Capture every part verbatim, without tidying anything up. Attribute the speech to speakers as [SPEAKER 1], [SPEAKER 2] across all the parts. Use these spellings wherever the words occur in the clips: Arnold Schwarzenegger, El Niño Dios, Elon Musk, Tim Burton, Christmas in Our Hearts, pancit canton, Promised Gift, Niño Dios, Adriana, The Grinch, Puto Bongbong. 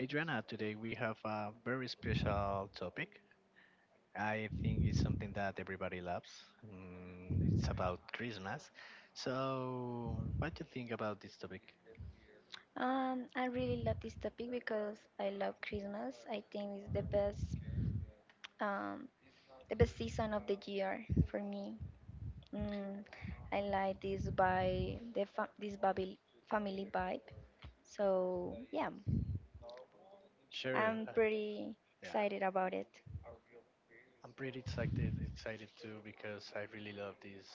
[SPEAKER 1] Adriana, today we have a very special topic. I think it's something that everybody loves. Mm, it's about Christmas. So, what do you think about this topic?
[SPEAKER 2] Um, I really love this topic because I love Christmas. I think it's the best, um, the best season of the year for me. Mm, I like this by the fa this babil family vibe. So yeah,
[SPEAKER 1] Sure.
[SPEAKER 2] I'm
[SPEAKER 1] uh,
[SPEAKER 2] pretty
[SPEAKER 1] Yeah.
[SPEAKER 2] excited about it.
[SPEAKER 1] I'm pretty excited excited too because I really love this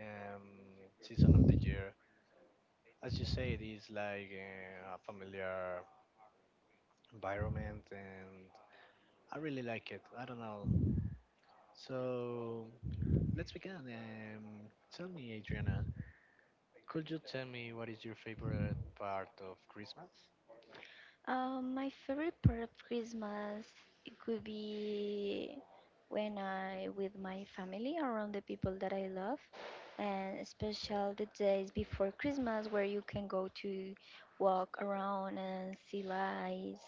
[SPEAKER 1] um, season of the year. As you say, it is like uh, a familiar environment, and I really like it. I don't know. So let's begin. Um, tell me, Adriana, could you tell me what is your favorite part of Christmas?
[SPEAKER 2] Um, my favorite part of Christmas it could be when I with my family around the people that I love, and especially the days before Christmas where you can go to walk around and see lights,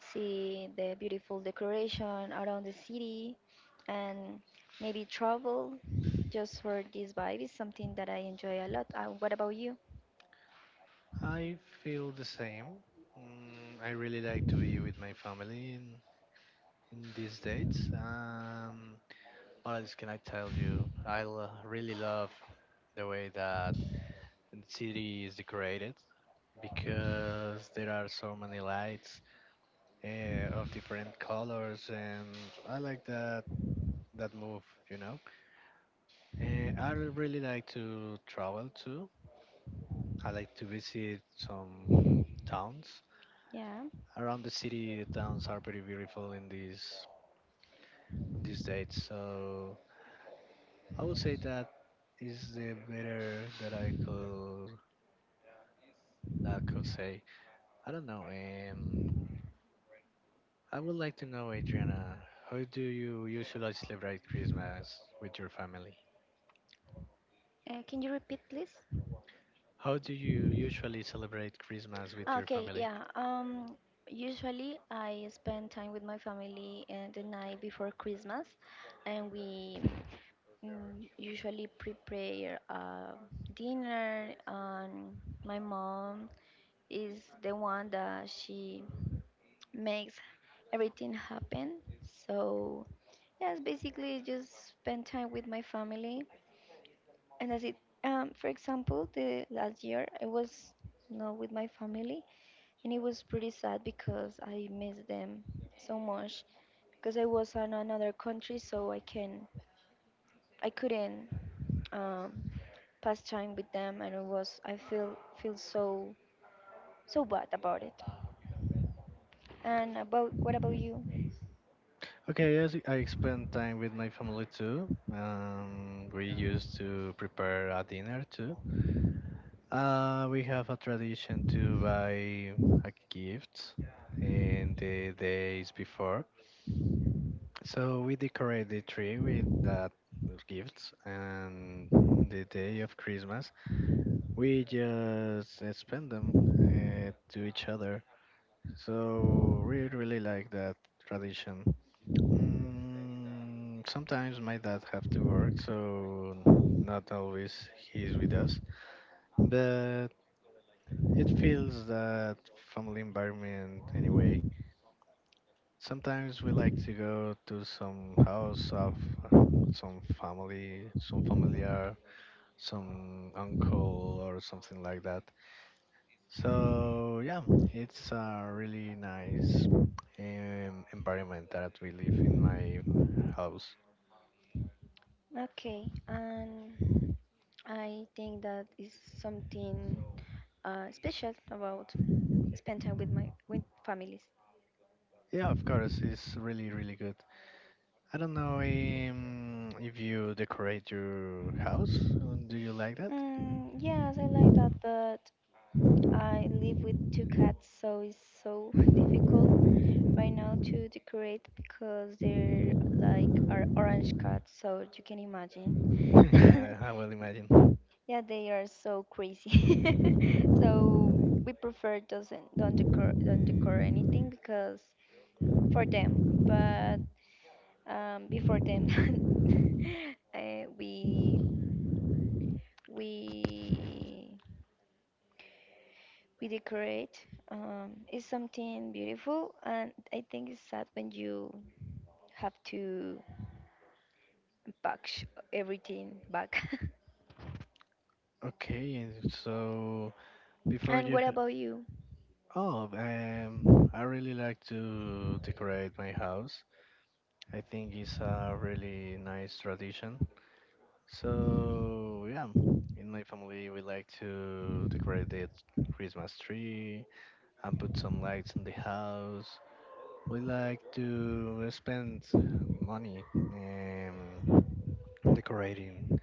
[SPEAKER 2] see the beautiful decoration around the city, and maybe travel. Just for this vibe is something that I enjoy a lot. Uh, what about you?
[SPEAKER 1] I feel the same. Mm, I really like to be with my family in, in these dates. Um, What else can I tell you? I lo- really love the way that the city is decorated because there are so many lights uh, of different colors, and I like that that move. You know, uh, I really like to travel too. I like to visit some towns
[SPEAKER 2] Yeah.
[SPEAKER 1] around the city. The towns are pretty beautiful in these these dates, so I would say that is the better that I could that I could say. I don't know. Um, I would like to know, Adriana, how do you usually celebrate Christmas with your family?
[SPEAKER 2] Uh, can you repeat, please?
[SPEAKER 1] How do you usually celebrate Christmas with your
[SPEAKER 2] Okay,
[SPEAKER 1] family?
[SPEAKER 2] yeah. Um, usually I spend time with my family uh, the night before Christmas, and we mm, usually prepare uh, dinner. And my mom is the one that she makes everything happen. So yes, basically just spend time with my family, and that's it. Um, for example, the last year I was not with my family and it was pretty sad because I missed them so much because I was in another country, so I can I couldn't um, pass time with them, and it was I feel feel so so bad about it. And about what about you?
[SPEAKER 1] Okay, yes, I spend time with my family too. Um, we used to prepare a dinner too. Uh, we have a tradition to buy a gift in the days before. So we decorate the tree with that with gifts, and on the day of Christmas we just uh, spend them uh, to each other. So we really like that tradition. Mm, sometimes my dad have to work, so not always he's with us. But it feels that family environment anyway. Sometimes we like to go to some house of some family, some familiar, some uncle or something like that. So yeah, it's a really nice um, environment that we live in my house.
[SPEAKER 2] Okay, and I think that is something uh, special about spend time with my with families.
[SPEAKER 1] Yeah, of course, it's really really good. I don't know um, if you decorate your house. uh, Do you like that?
[SPEAKER 2] Mm, yes, I like that, but I live with two cats, so it's so difficult right now to decorate because they're like are orange cats, so you can imagine.
[SPEAKER 1] Yeah, I will imagine.
[SPEAKER 2] Yeah, they are so crazy. So we prefer doesn't don't decor don't decor anything because for them, but um before them, uh, we we we decorate um, is something beautiful and I think it's sad when you have to pack sh- everything back
[SPEAKER 1] Okay, and so before
[SPEAKER 2] and
[SPEAKER 1] you,
[SPEAKER 2] what about you
[SPEAKER 1] oh, um, I really like to decorate my house. I think it's a really nice tradition. So yeah, in my family we like to decorate the Christmas tree and put some lights in the house. We like to spend money um, decorating.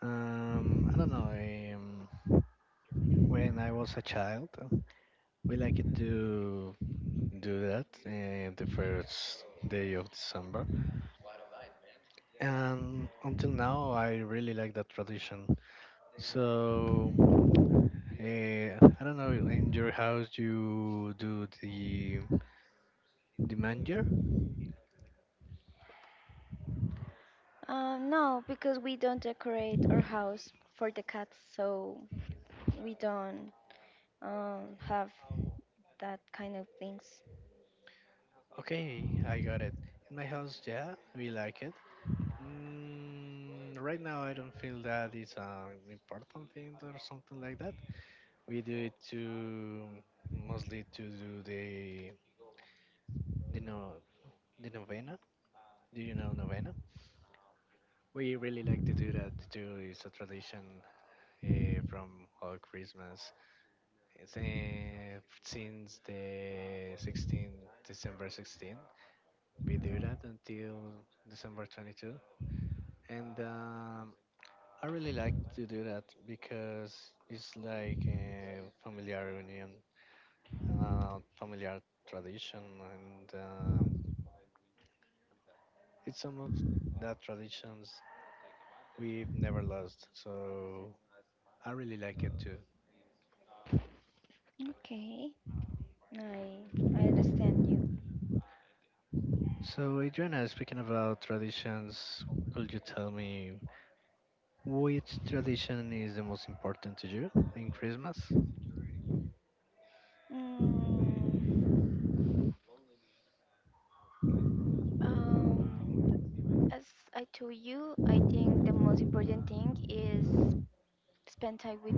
[SPEAKER 1] Um, I don't know. Um, When I was a child, uh, we like to do that uh, the first day of December, and until now I really like that tradition. So, eh, I don't know. In your house, you do the the manger?
[SPEAKER 2] um, no because we don't decorate our house for the cats so we don't um, have that kind of things.
[SPEAKER 1] Okay, I got it. In my house, yeah, we like it. Mm, right now, I don't feel that it's an important thing or something like that. We do it to mostly to do the the no the novena. Do you know novena? We really like to do that too. It's a tradition uh, from all Christmas. It's, uh, since the sixteen December sixteen we do that until December twenty-second and um, I really like to do that because it's like a familiar union uh, familiar tradition, and uh, it's some of that traditions we've never lost, so I really like it too.
[SPEAKER 2] Okay, i i understand you.
[SPEAKER 1] So, Adriana, speaking about traditions, could you tell me which tradition is the most important to you in Christmas?
[SPEAKER 2] mm, um, as I told you I think the most important thing is spend time with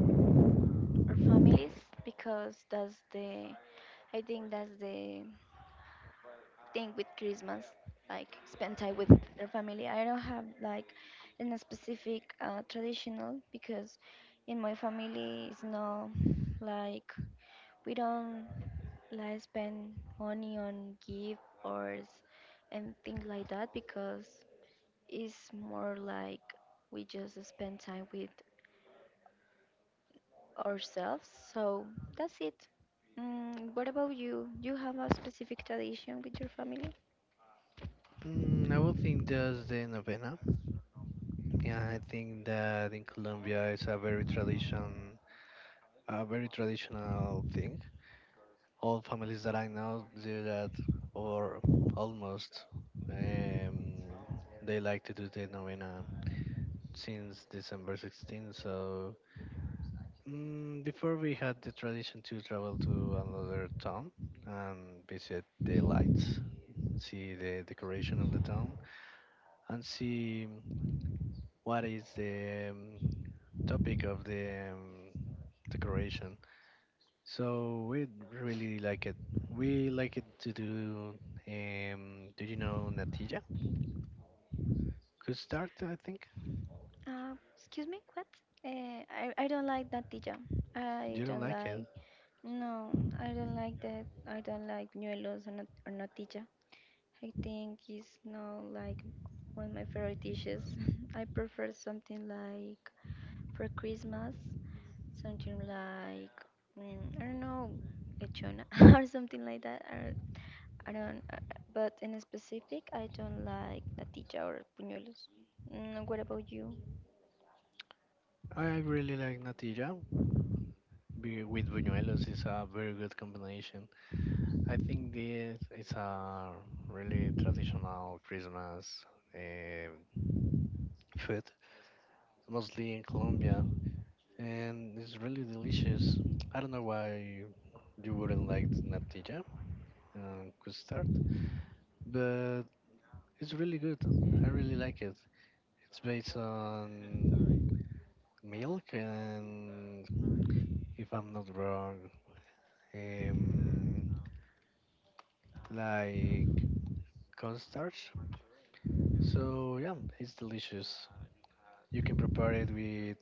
[SPEAKER 2] families because that's the I think that's the thing with Christmas, like spend time with their family. I don't have like in a specific uh, traditional because in my family it's no like we don't like spend money on gift or s- and things like that because it's more like we just spend time with ourselves. So that's it. Mm, what about you? Do you have a specific tradition with your family?
[SPEAKER 1] Mm, I would think just the novena. Yeah, I think that in Colombia it's a very tradition, a very traditional thing. All families that I know do that, or almost. Um, they like to do the novena since December sixteenth. So mm, before we had the tradition to travel to another town and visit the lights, see the decoration of the town, and see what is the um, topic of the um, decoration. So we really like it. We like it to do. Um, do you know natilla? Could start, I think.
[SPEAKER 2] Uh, excuse me, what? Uh, I, I don't like natilla. I
[SPEAKER 1] You don't
[SPEAKER 2] don't
[SPEAKER 1] like it.
[SPEAKER 2] like, no, I don't like that. I don't like ñuelos or, nat- or natilla. I think it's not like one of my favorite dishes. I prefer something like for Christmas, something like, mm, I don't know, lechona or something like that. Or. I don't, uh, but in specific, I don't like natilla or puñuelos. Mm, what about you?
[SPEAKER 1] I really like natilla be- with buñuelos. Is a very good combination. I think this is a really traditional Christmas um food, mostly in Colombia, and it's really delicious. I don't know why you wouldn't like the natilla, uh, custard, but it's really good. I really like it. It's based on milk and, if I'm not wrong, um, like cornstarch. So yeah, it's delicious. You can prepare it with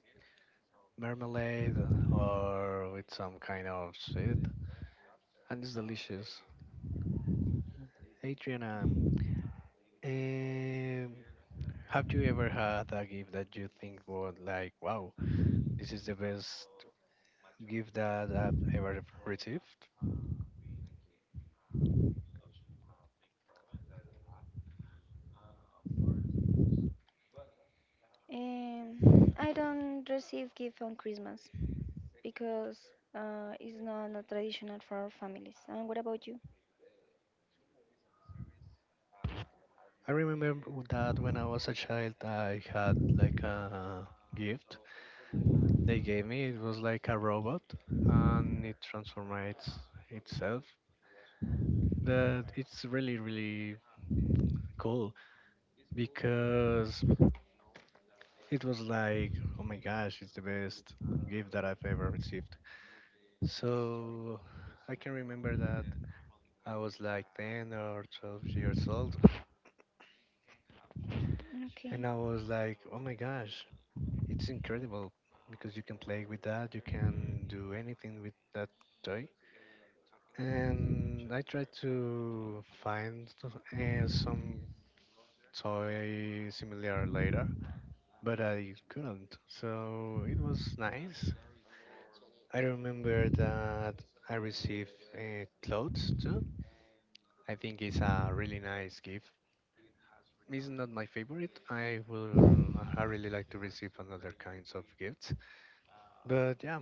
[SPEAKER 1] marmalade or with some kind of sweet, and it's delicious. Adriana, um, have you ever had a gift that you think was like, wow, this is the best gift that I've ever received?
[SPEAKER 2] Um, I don't receive gift on Christmas because uh, it's not a traditional for our families. And what about you?
[SPEAKER 1] I remember that when I was a child, I had like a gift they gave me. It was like a robot, and it transforms itself. That it's really, really cool because it was like, oh my gosh, it's the best gift that I've ever received. So I can remember that I was like ten or twelve years old,
[SPEAKER 2] Okay.
[SPEAKER 1] and I was like, oh my gosh, it's incredible because you can play with that, you can do anything with that toy. And I tried to find uh, some toy similar later, but I couldn't. So it was nice. I remember that I received uh, clothes too. I think it's a really nice gift. It's not my favorite. I will. I really like to receive another kinds of gifts, but yeah,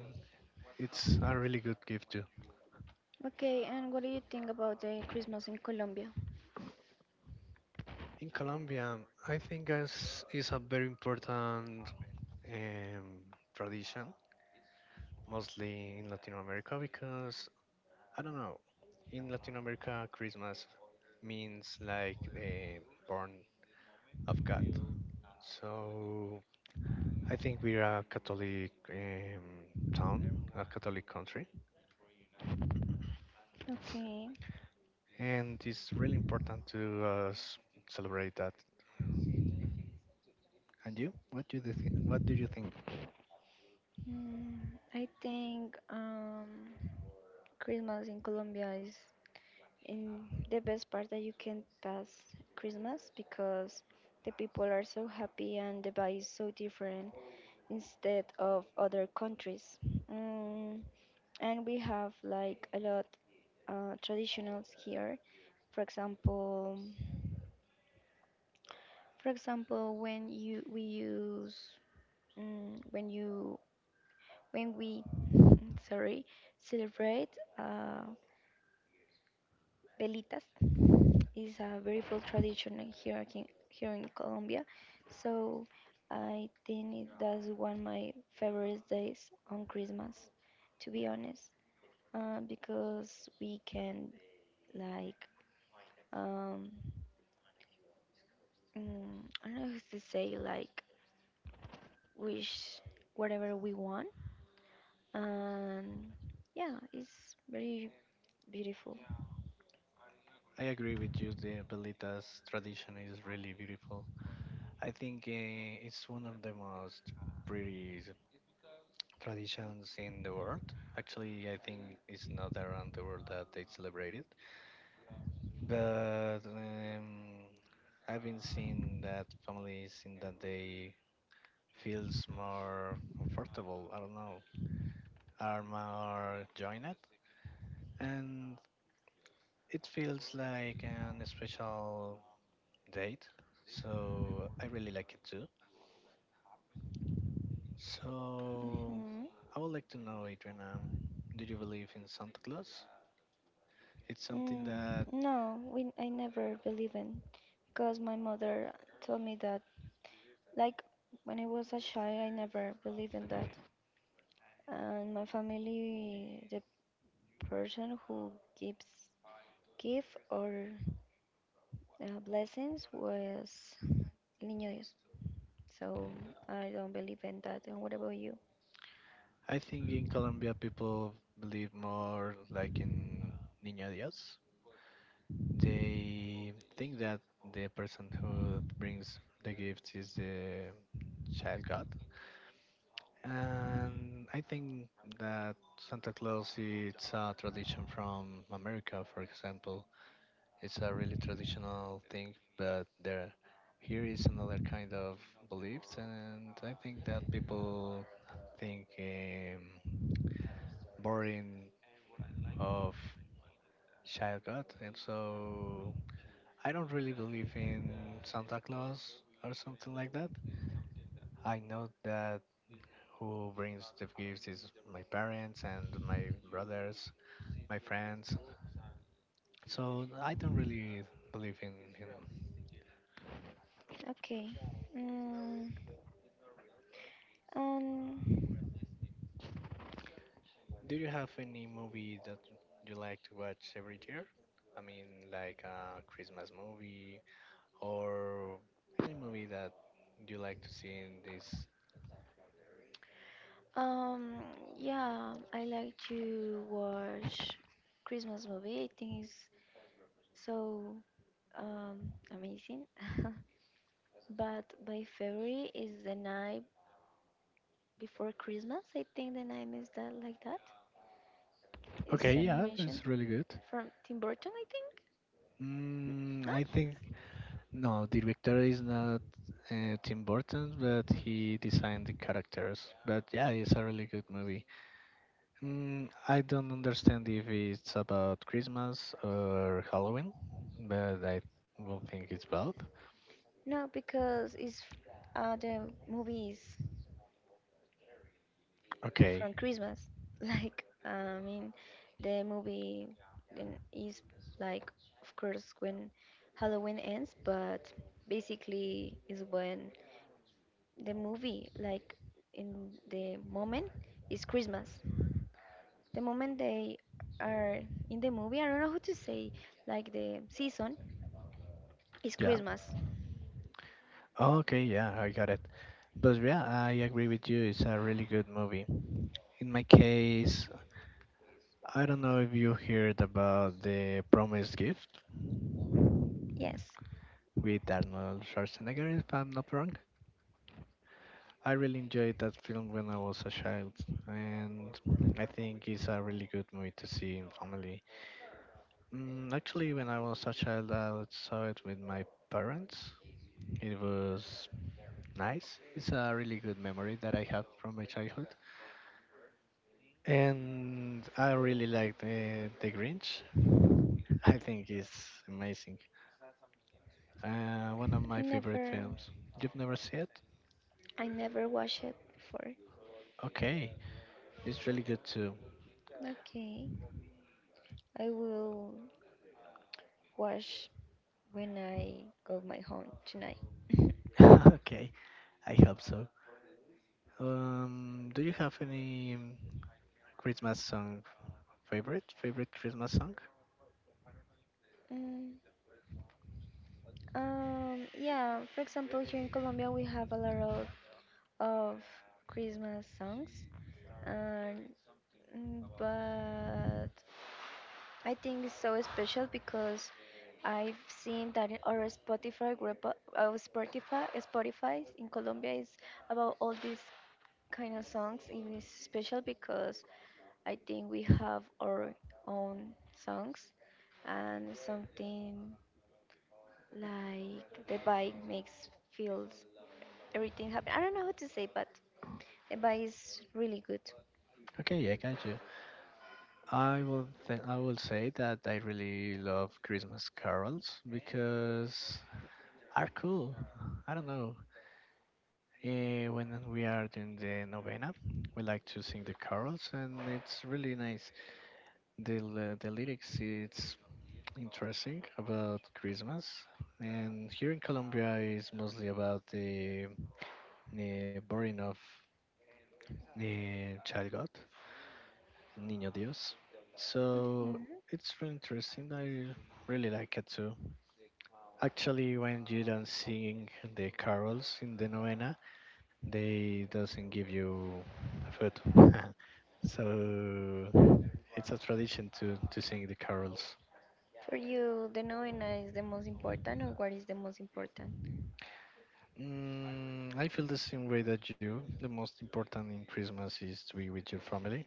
[SPEAKER 1] it's a really good gift too.
[SPEAKER 2] Okay, and what do you think about the Christmas in Colombia?
[SPEAKER 1] In Colombia, I think as is a very important um, tradition, mostly in Latin America, because I don't know. In Latin America, Christmas means like a born of God. So I think we are a Catholic um, town, a Catholic country,
[SPEAKER 2] Okay.
[SPEAKER 1] and it's really important to uh, s- celebrate that. And you, what do you think? What do you think?
[SPEAKER 2] Mm, I think um, Christmas in Colombia is in the best part that you can pass Christmas because the people are so happy and the vibe is so different instead of other countries. Mm, and we have like a lot uh, traditionals here. For example, for example, when you we use mm, when you when we mm, sorry celebrate uh, velitas is a very full tradition here in, here in Colombia. So I think it- that's one of my favorite days on Christmas, to be honest, uh, because we can like um, mm, I don't know how to say like wish whatever we want, and yeah, it's very beautiful.
[SPEAKER 1] I agree with you. The Belitas tradition is really beautiful. I think uh, it's one of the most pretty traditions in the world. Actually, I think it's not around the world that they celebrate it. But um, I've been seeing that families in that they feels more comfortable. I don't know, are more joined, and it feels like an special date, so I really like it too. So
[SPEAKER 2] Hmm.
[SPEAKER 1] I would like to know, Adrian, um, do you believe in Santa Claus? It's something that
[SPEAKER 2] Mm, no, we I never believe in because my mother told me that Like when I was a child, I never believed in that. And my family, the person who gives gift or uh, blessings was El Niño Dios. So I don't believe in that. And what about you?
[SPEAKER 1] I think in Colombia people believe more like in Niño Dios. They think that the person who brings the gifts is the child God, and I think that Santa Claus it's a tradition from America, for example. It's a really traditional thing, but there here is another kind of beliefs, and I think that people think um, boring of child god, and so I don't really believe in Santa Claus or something like that. I know that who brings the gifts is my parents and my brothers, my friends. So I don't really believe in him.
[SPEAKER 2] Okay. Mm, and
[SPEAKER 1] Do you have any movie that you like to watch every year? I mean, like a Christmas movie or any movie that you like to see in this?
[SPEAKER 2] um, yeah, I like to watch Christmas movie. I think it's so um amazing. But by February is the night before Christmas. I think the name is that like that. It's
[SPEAKER 1] Okay, yeah,
[SPEAKER 2] animation
[SPEAKER 1] it's really good.
[SPEAKER 2] from Tim Burton, I think. N-
[SPEAKER 1] Mm,
[SPEAKER 2] No,
[SPEAKER 1] I think no, director is not uh, Tim Burton, but he designed the characters. But yeah, it's a really good movie. Mm, I don't understand if it's about Christmas or Halloween, but I will think it's both.
[SPEAKER 2] no, because it's f- uh, the movie is
[SPEAKER 1] Okay,
[SPEAKER 2] from Christmas. Like I mean, the movie then is like of course when Halloween ends, but basically is when the movie like in the moment is Christmas. The moment they are in the movie, I don't know how to say, like the season is
[SPEAKER 1] yeah.
[SPEAKER 2] Christmas.
[SPEAKER 1] Okay, yeah, I got it. But yeah, I agree with you. It's a really good movie. In my case, I don't know if you heard about the Promised Gift
[SPEAKER 2] Yes,
[SPEAKER 1] with Arnold Schwarzenegger, if I'm not wrong. I really enjoyed that film when I was a child, and I think it's a really good movie to see in family. Mm, actually, when I was a child, I saw it with my parents. It was nice. It's a really good memory that I have from my childhood, and I really liked uh, The Grinch. I think it's amazing. Uh, one of
[SPEAKER 2] I
[SPEAKER 1] my favorite
[SPEAKER 2] never,
[SPEAKER 1] films. You've never seen it?
[SPEAKER 2] I never watched it before.
[SPEAKER 1] Okay, it's really good too.
[SPEAKER 2] Okay, I will watch when I go my home tonight.
[SPEAKER 1] Okay, I hope so. Um, do you have any Christmas song favorite? Favorite Christmas song?
[SPEAKER 2] Mm, um, yeah, for example, here in Colombia, we have a lot of, of Christmas songs, and mm, but I think it's so special because I've seen that in our Spotify group, uh, our Spotify, Spotify in Colombia is about all these kind of songs. It is special because I think we have our own songs and something like the vibe makes feels everything happen. I don't know how to say, but the vibe is really good.
[SPEAKER 1] Okay, yeah, I got you. I will th- I will say that I really love Christmas carols because are cool. I don't know. Eh, when we are doing the novena, we like to sing the carols, and it's really nice. The l- the lyrics it's interesting about Christmas, and here in Colombia is mostly about the eh, born of eh, child god, Niño Dios. So
[SPEAKER 2] Mhm.
[SPEAKER 1] it's really interesting. I really like it too. Actually, when you don't sing the carols in the novena, they doesn't give you food. So it's a tradition to, to sing the carols.
[SPEAKER 2] For you, the novena is the most important, or what is the most important?
[SPEAKER 1] Mm, I feel the same way that you. The most important in Christmas is to be with your family.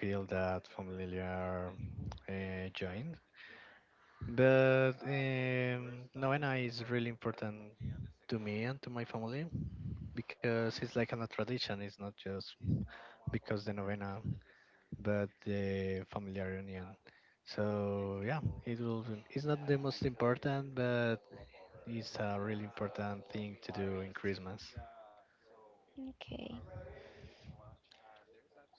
[SPEAKER 1] Feel that familiar uh, joint. But um, novena is really important to me and to my family because it's like a tradition. It's not just because the novena, but the family reunion. So yeah, it will. It's not the most important, but it's a really important thing to do in Christmas.
[SPEAKER 2] Okay.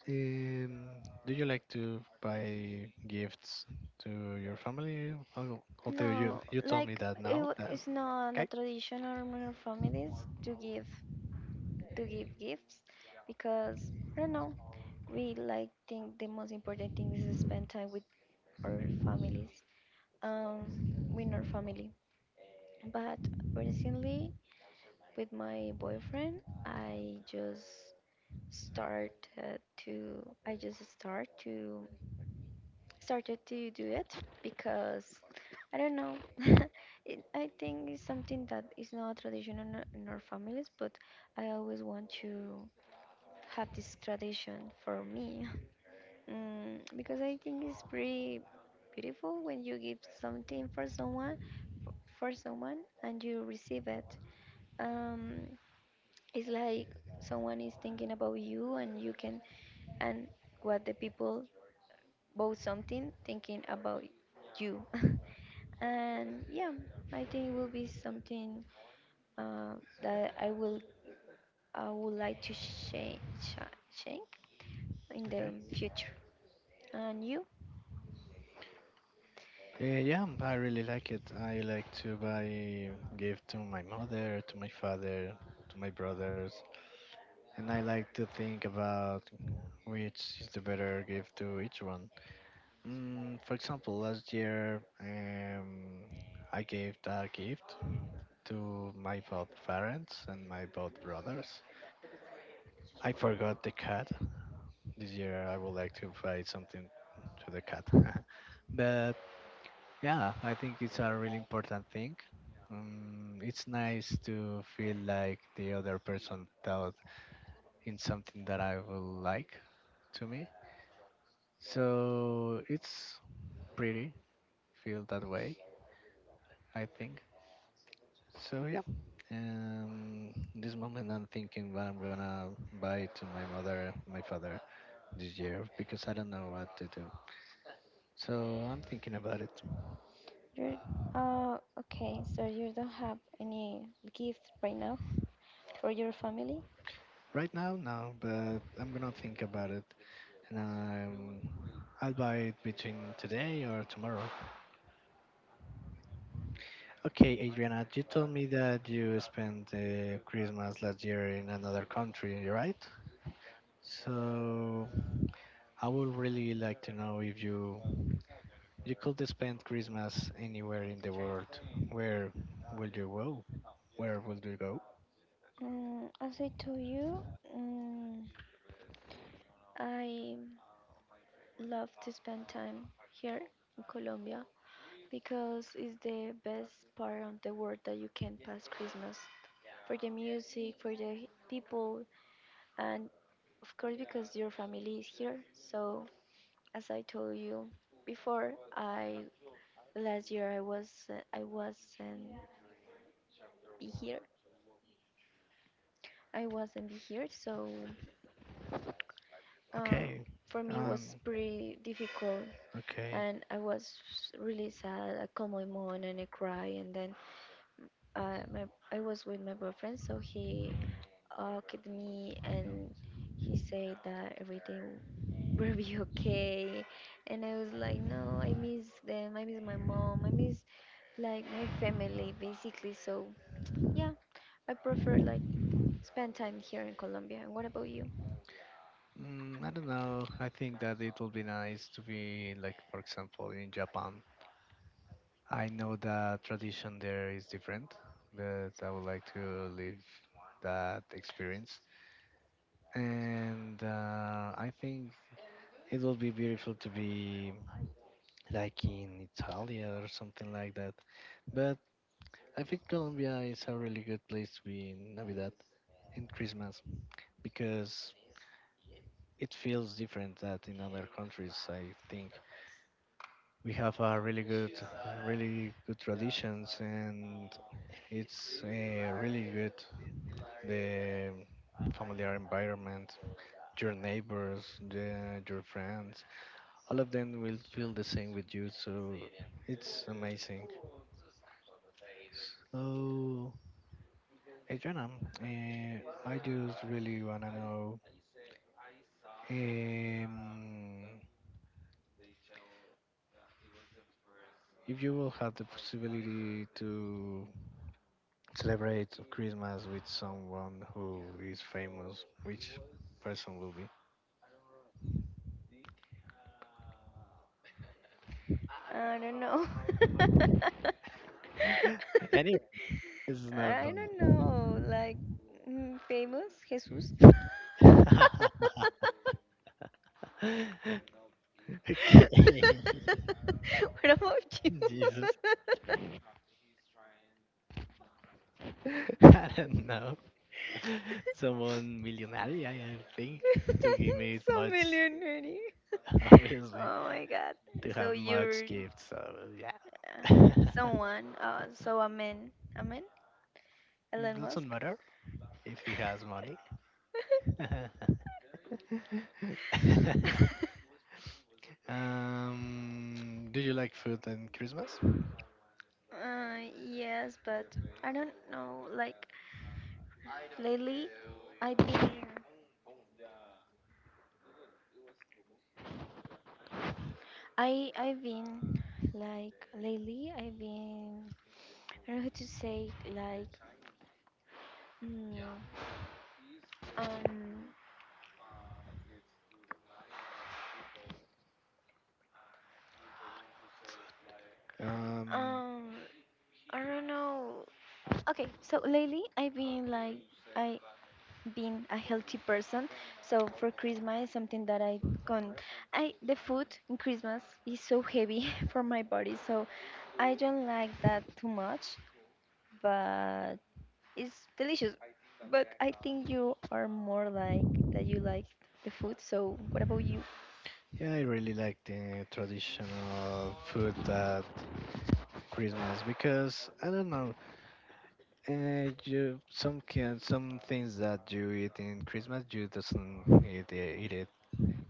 [SPEAKER 1] Um, do you like to buy gifts to your family? Al- Although you
[SPEAKER 2] No,
[SPEAKER 1] you told me
[SPEAKER 2] like
[SPEAKER 1] that
[SPEAKER 2] it
[SPEAKER 1] now.
[SPEAKER 2] w-
[SPEAKER 1] Uh,
[SPEAKER 2] it's not a
[SPEAKER 1] okay,
[SPEAKER 2] tradition or our families to give to give gifts because I don't know. We like think the most important thing is to spend time with our families, um, with our family. But recently, with my boyfriend, I just started to I just start to started to do it because I don't know. It, I think it's something that is not traditional in our in our families, but I always want to have this tradition for me mm, because I think it's pretty beautiful when you give something for someone f- for someone and you receive it. Um, it's like someone is thinking about you and you can and what the people bought something thinking about you. And yeah I think it will be something uh, that I will I would like to change change in
[SPEAKER 1] okay.
[SPEAKER 2] the future. And you
[SPEAKER 1] Uh, yeah, I really like it. I like to buy gift to my mother, to my father, to my brothers, and I like to think about which is the better gift to each one. Mm, for example, last year um, I gave a gift to my both parents and my both brothers. I forgot the cat. This year I would like to buy something to the cat. But yeah, I think it's a really important thing. Um, it's nice to feel like the other person thought in something that I will like to me. So it's pretty, feel that way, I think. So yeah, um, this moment I'm thinking what I'm gonna buy to my mother, my father this year because I don't know what to do. So I'm thinking about it
[SPEAKER 2] you're Uh, okay, so you don't have any gift right now for your family?
[SPEAKER 1] right now, no, but I'm gonna think about it, and um, I'll buy it between today or tomorrow. Okay, Adriana, you told me that you spent uh, Christmas last year in another country, right? So I would really like to know if you you could spend Christmas anywhere in the world. Where will you go? Where will you go?
[SPEAKER 2] mm, as I told you mm, I love to spend time here in Colombia because it's the best part of the world that you can pass Christmas for the music for the people. And of course, because your family is here, so as I told you before, I last year I was uh, I wasn't be here. I wasn't be here, so uh,
[SPEAKER 1] Okay.
[SPEAKER 2] for me it
[SPEAKER 1] Um.
[SPEAKER 2] was pretty difficult,
[SPEAKER 1] Okay.
[SPEAKER 2] and I was really sad. I called my mom and I cry, and then uh, my I was with my boyfriend, so he hugged me and he said that everything will be okay. And I was like, no, I miss them. I miss my mom. I miss like my family basically. So yeah, I prefer like spend time here in Colombia. And what about you?
[SPEAKER 1] Mm, I don't know. I think that it would be nice to be like, for example, in Japan. I know that tradition there is different, but I would like to live that experience. And uh, I think it will be beautiful to be like in Italia or something like that. But I think Colombia is a really good place to be in Navidad and Christmas because it feels different that in other countries. I think we have a really good, really good traditions and it's uh, really good the familiar environment, your neighbors, the, your friends. All of them will feel the same with you. So it's amazing. So, Adriana, uh, I just really wanna know um, if you will have the possibility to celebrate Christmas with someone who is famous, which person will be?
[SPEAKER 2] I don't know.
[SPEAKER 1] Anyway, this is not
[SPEAKER 2] I don't
[SPEAKER 1] a
[SPEAKER 2] know, like mm, famous Jesus.
[SPEAKER 1] problem. Okay.
[SPEAKER 2] What about you?
[SPEAKER 1] Jesus. I don't know. Someone millionaire, I I think, to give me
[SPEAKER 2] So
[SPEAKER 1] much,
[SPEAKER 2] million millionaire.
[SPEAKER 1] obviously,
[SPEAKER 2] Oh my God.
[SPEAKER 1] to
[SPEAKER 2] So
[SPEAKER 1] have much
[SPEAKER 2] you're
[SPEAKER 1] gifts. So,
[SPEAKER 2] uh,
[SPEAKER 1] yeah.
[SPEAKER 2] someone, uh, so a man, a man, Elon
[SPEAKER 1] Doesn't
[SPEAKER 2] Musk.
[SPEAKER 1] matter if he has money. um, do you like food and Christmas?
[SPEAKER 2] Uh, yes, but I don't know. Like lately, I've been, I I've been like lately, I've been. I don't know how to say like. Mm, um,
[SPEAKER 1] Um,
[SPEAKER 2] um, I don't know. Okay, so lately I've been like I been a healthy person. So for Christmas, something that I can I the food in Christmas is so heavy for my body, so I don't like that too much, but it's delicious. But I think you are more like that you like the food. So what about you?
[SPEAKER 1] Yeah, I really like the traditional food at Christmas because I don't know, uh, you some can some things that you eat in Christmas you doesn't eat, eat it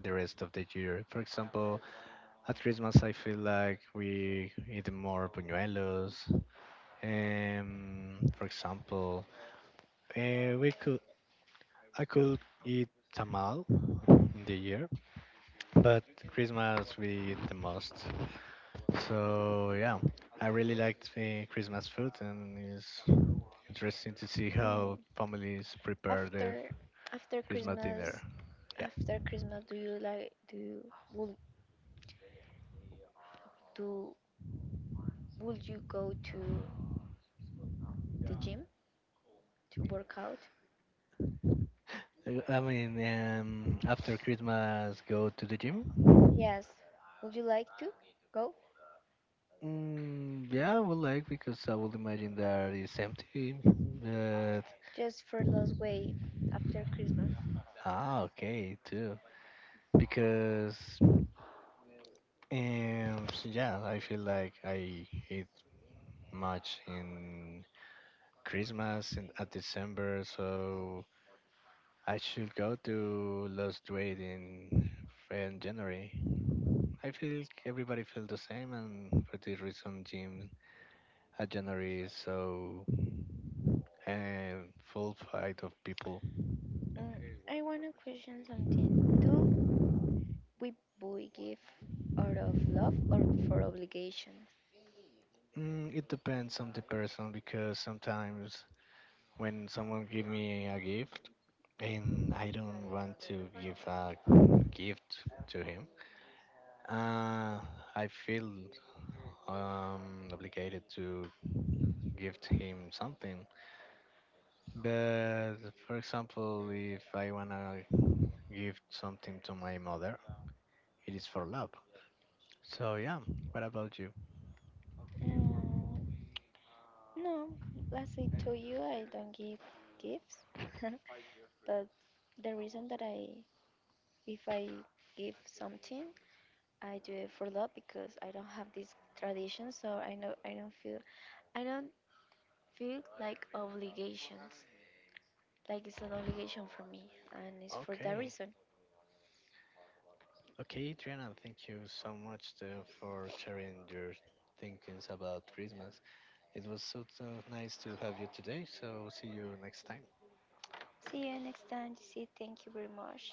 [SPEAKER 1] the rest of the year. For example, at Christmas I feel like we eat more buñuelos. Um, for example, uh, we could I could eat tamal in the year, but Christmas we eat the most. So yeah, I really liked the Christmas food, and it's interesting to see
[SPEAKER 2] Oh,
[SPEAKER 1] how families prepare the
[SPEAKER 2] after after
[SPEAKER 1] Christmas dinner.
[SPEAKER 2] Christmas,
[SPEAKER 1] Yeah,
[SPEAKER 2] after Christmas, do you like do you, will do Would you go to the gym to work out?
[SPEAKER 1] Uh, I mean, um, after Christmas, go to the gym.
[SPEAKER 2] Yes. Would you like to go?
[SPEAKER 1] Mm, yeah, I would like because I would imagine that it's empty. But
[SPEAKER 2] Just for lose weight after Christmas.
[SPEAKER 1] ah, okay, too. Because um, so yeah, I feel like I eat much in Christmas in at December, so I should go to Los Duade in, in January. I feel everybody feel the same, and for this reason, gym at January is so um, full fight of people.
[SPEAKER 2] Mm, I want to question something. Do we boy give out of love or for obligation?
[SPEAKER 1] Mm, it depends on the person because sometimes when someone give me a gift and I don't want to give a gift to him, uh, I feel um, obligated to gift him something. But for example, if I wanna give something to my mother, it is for love. So yeah, what about you?
[SPEAKER 2] Mm, no, as I told you, I don't give gifts. But the reason that I, if I give something, I do it for love because I don't have this tradition, so I know I don't feel I don't feel like obligations. Like it's an obligation for me, and it's for that
[SPEAKER 1] Okay,
[SPEAKER 2] reason.
[SPEAKER 1] okay, Adriana, thank you so much uh, for sharing your thinkings about Christmas. It was so, so nice to have you today. So see you next time.
[SPEAKER 2] See you next time, see. Thank you very much.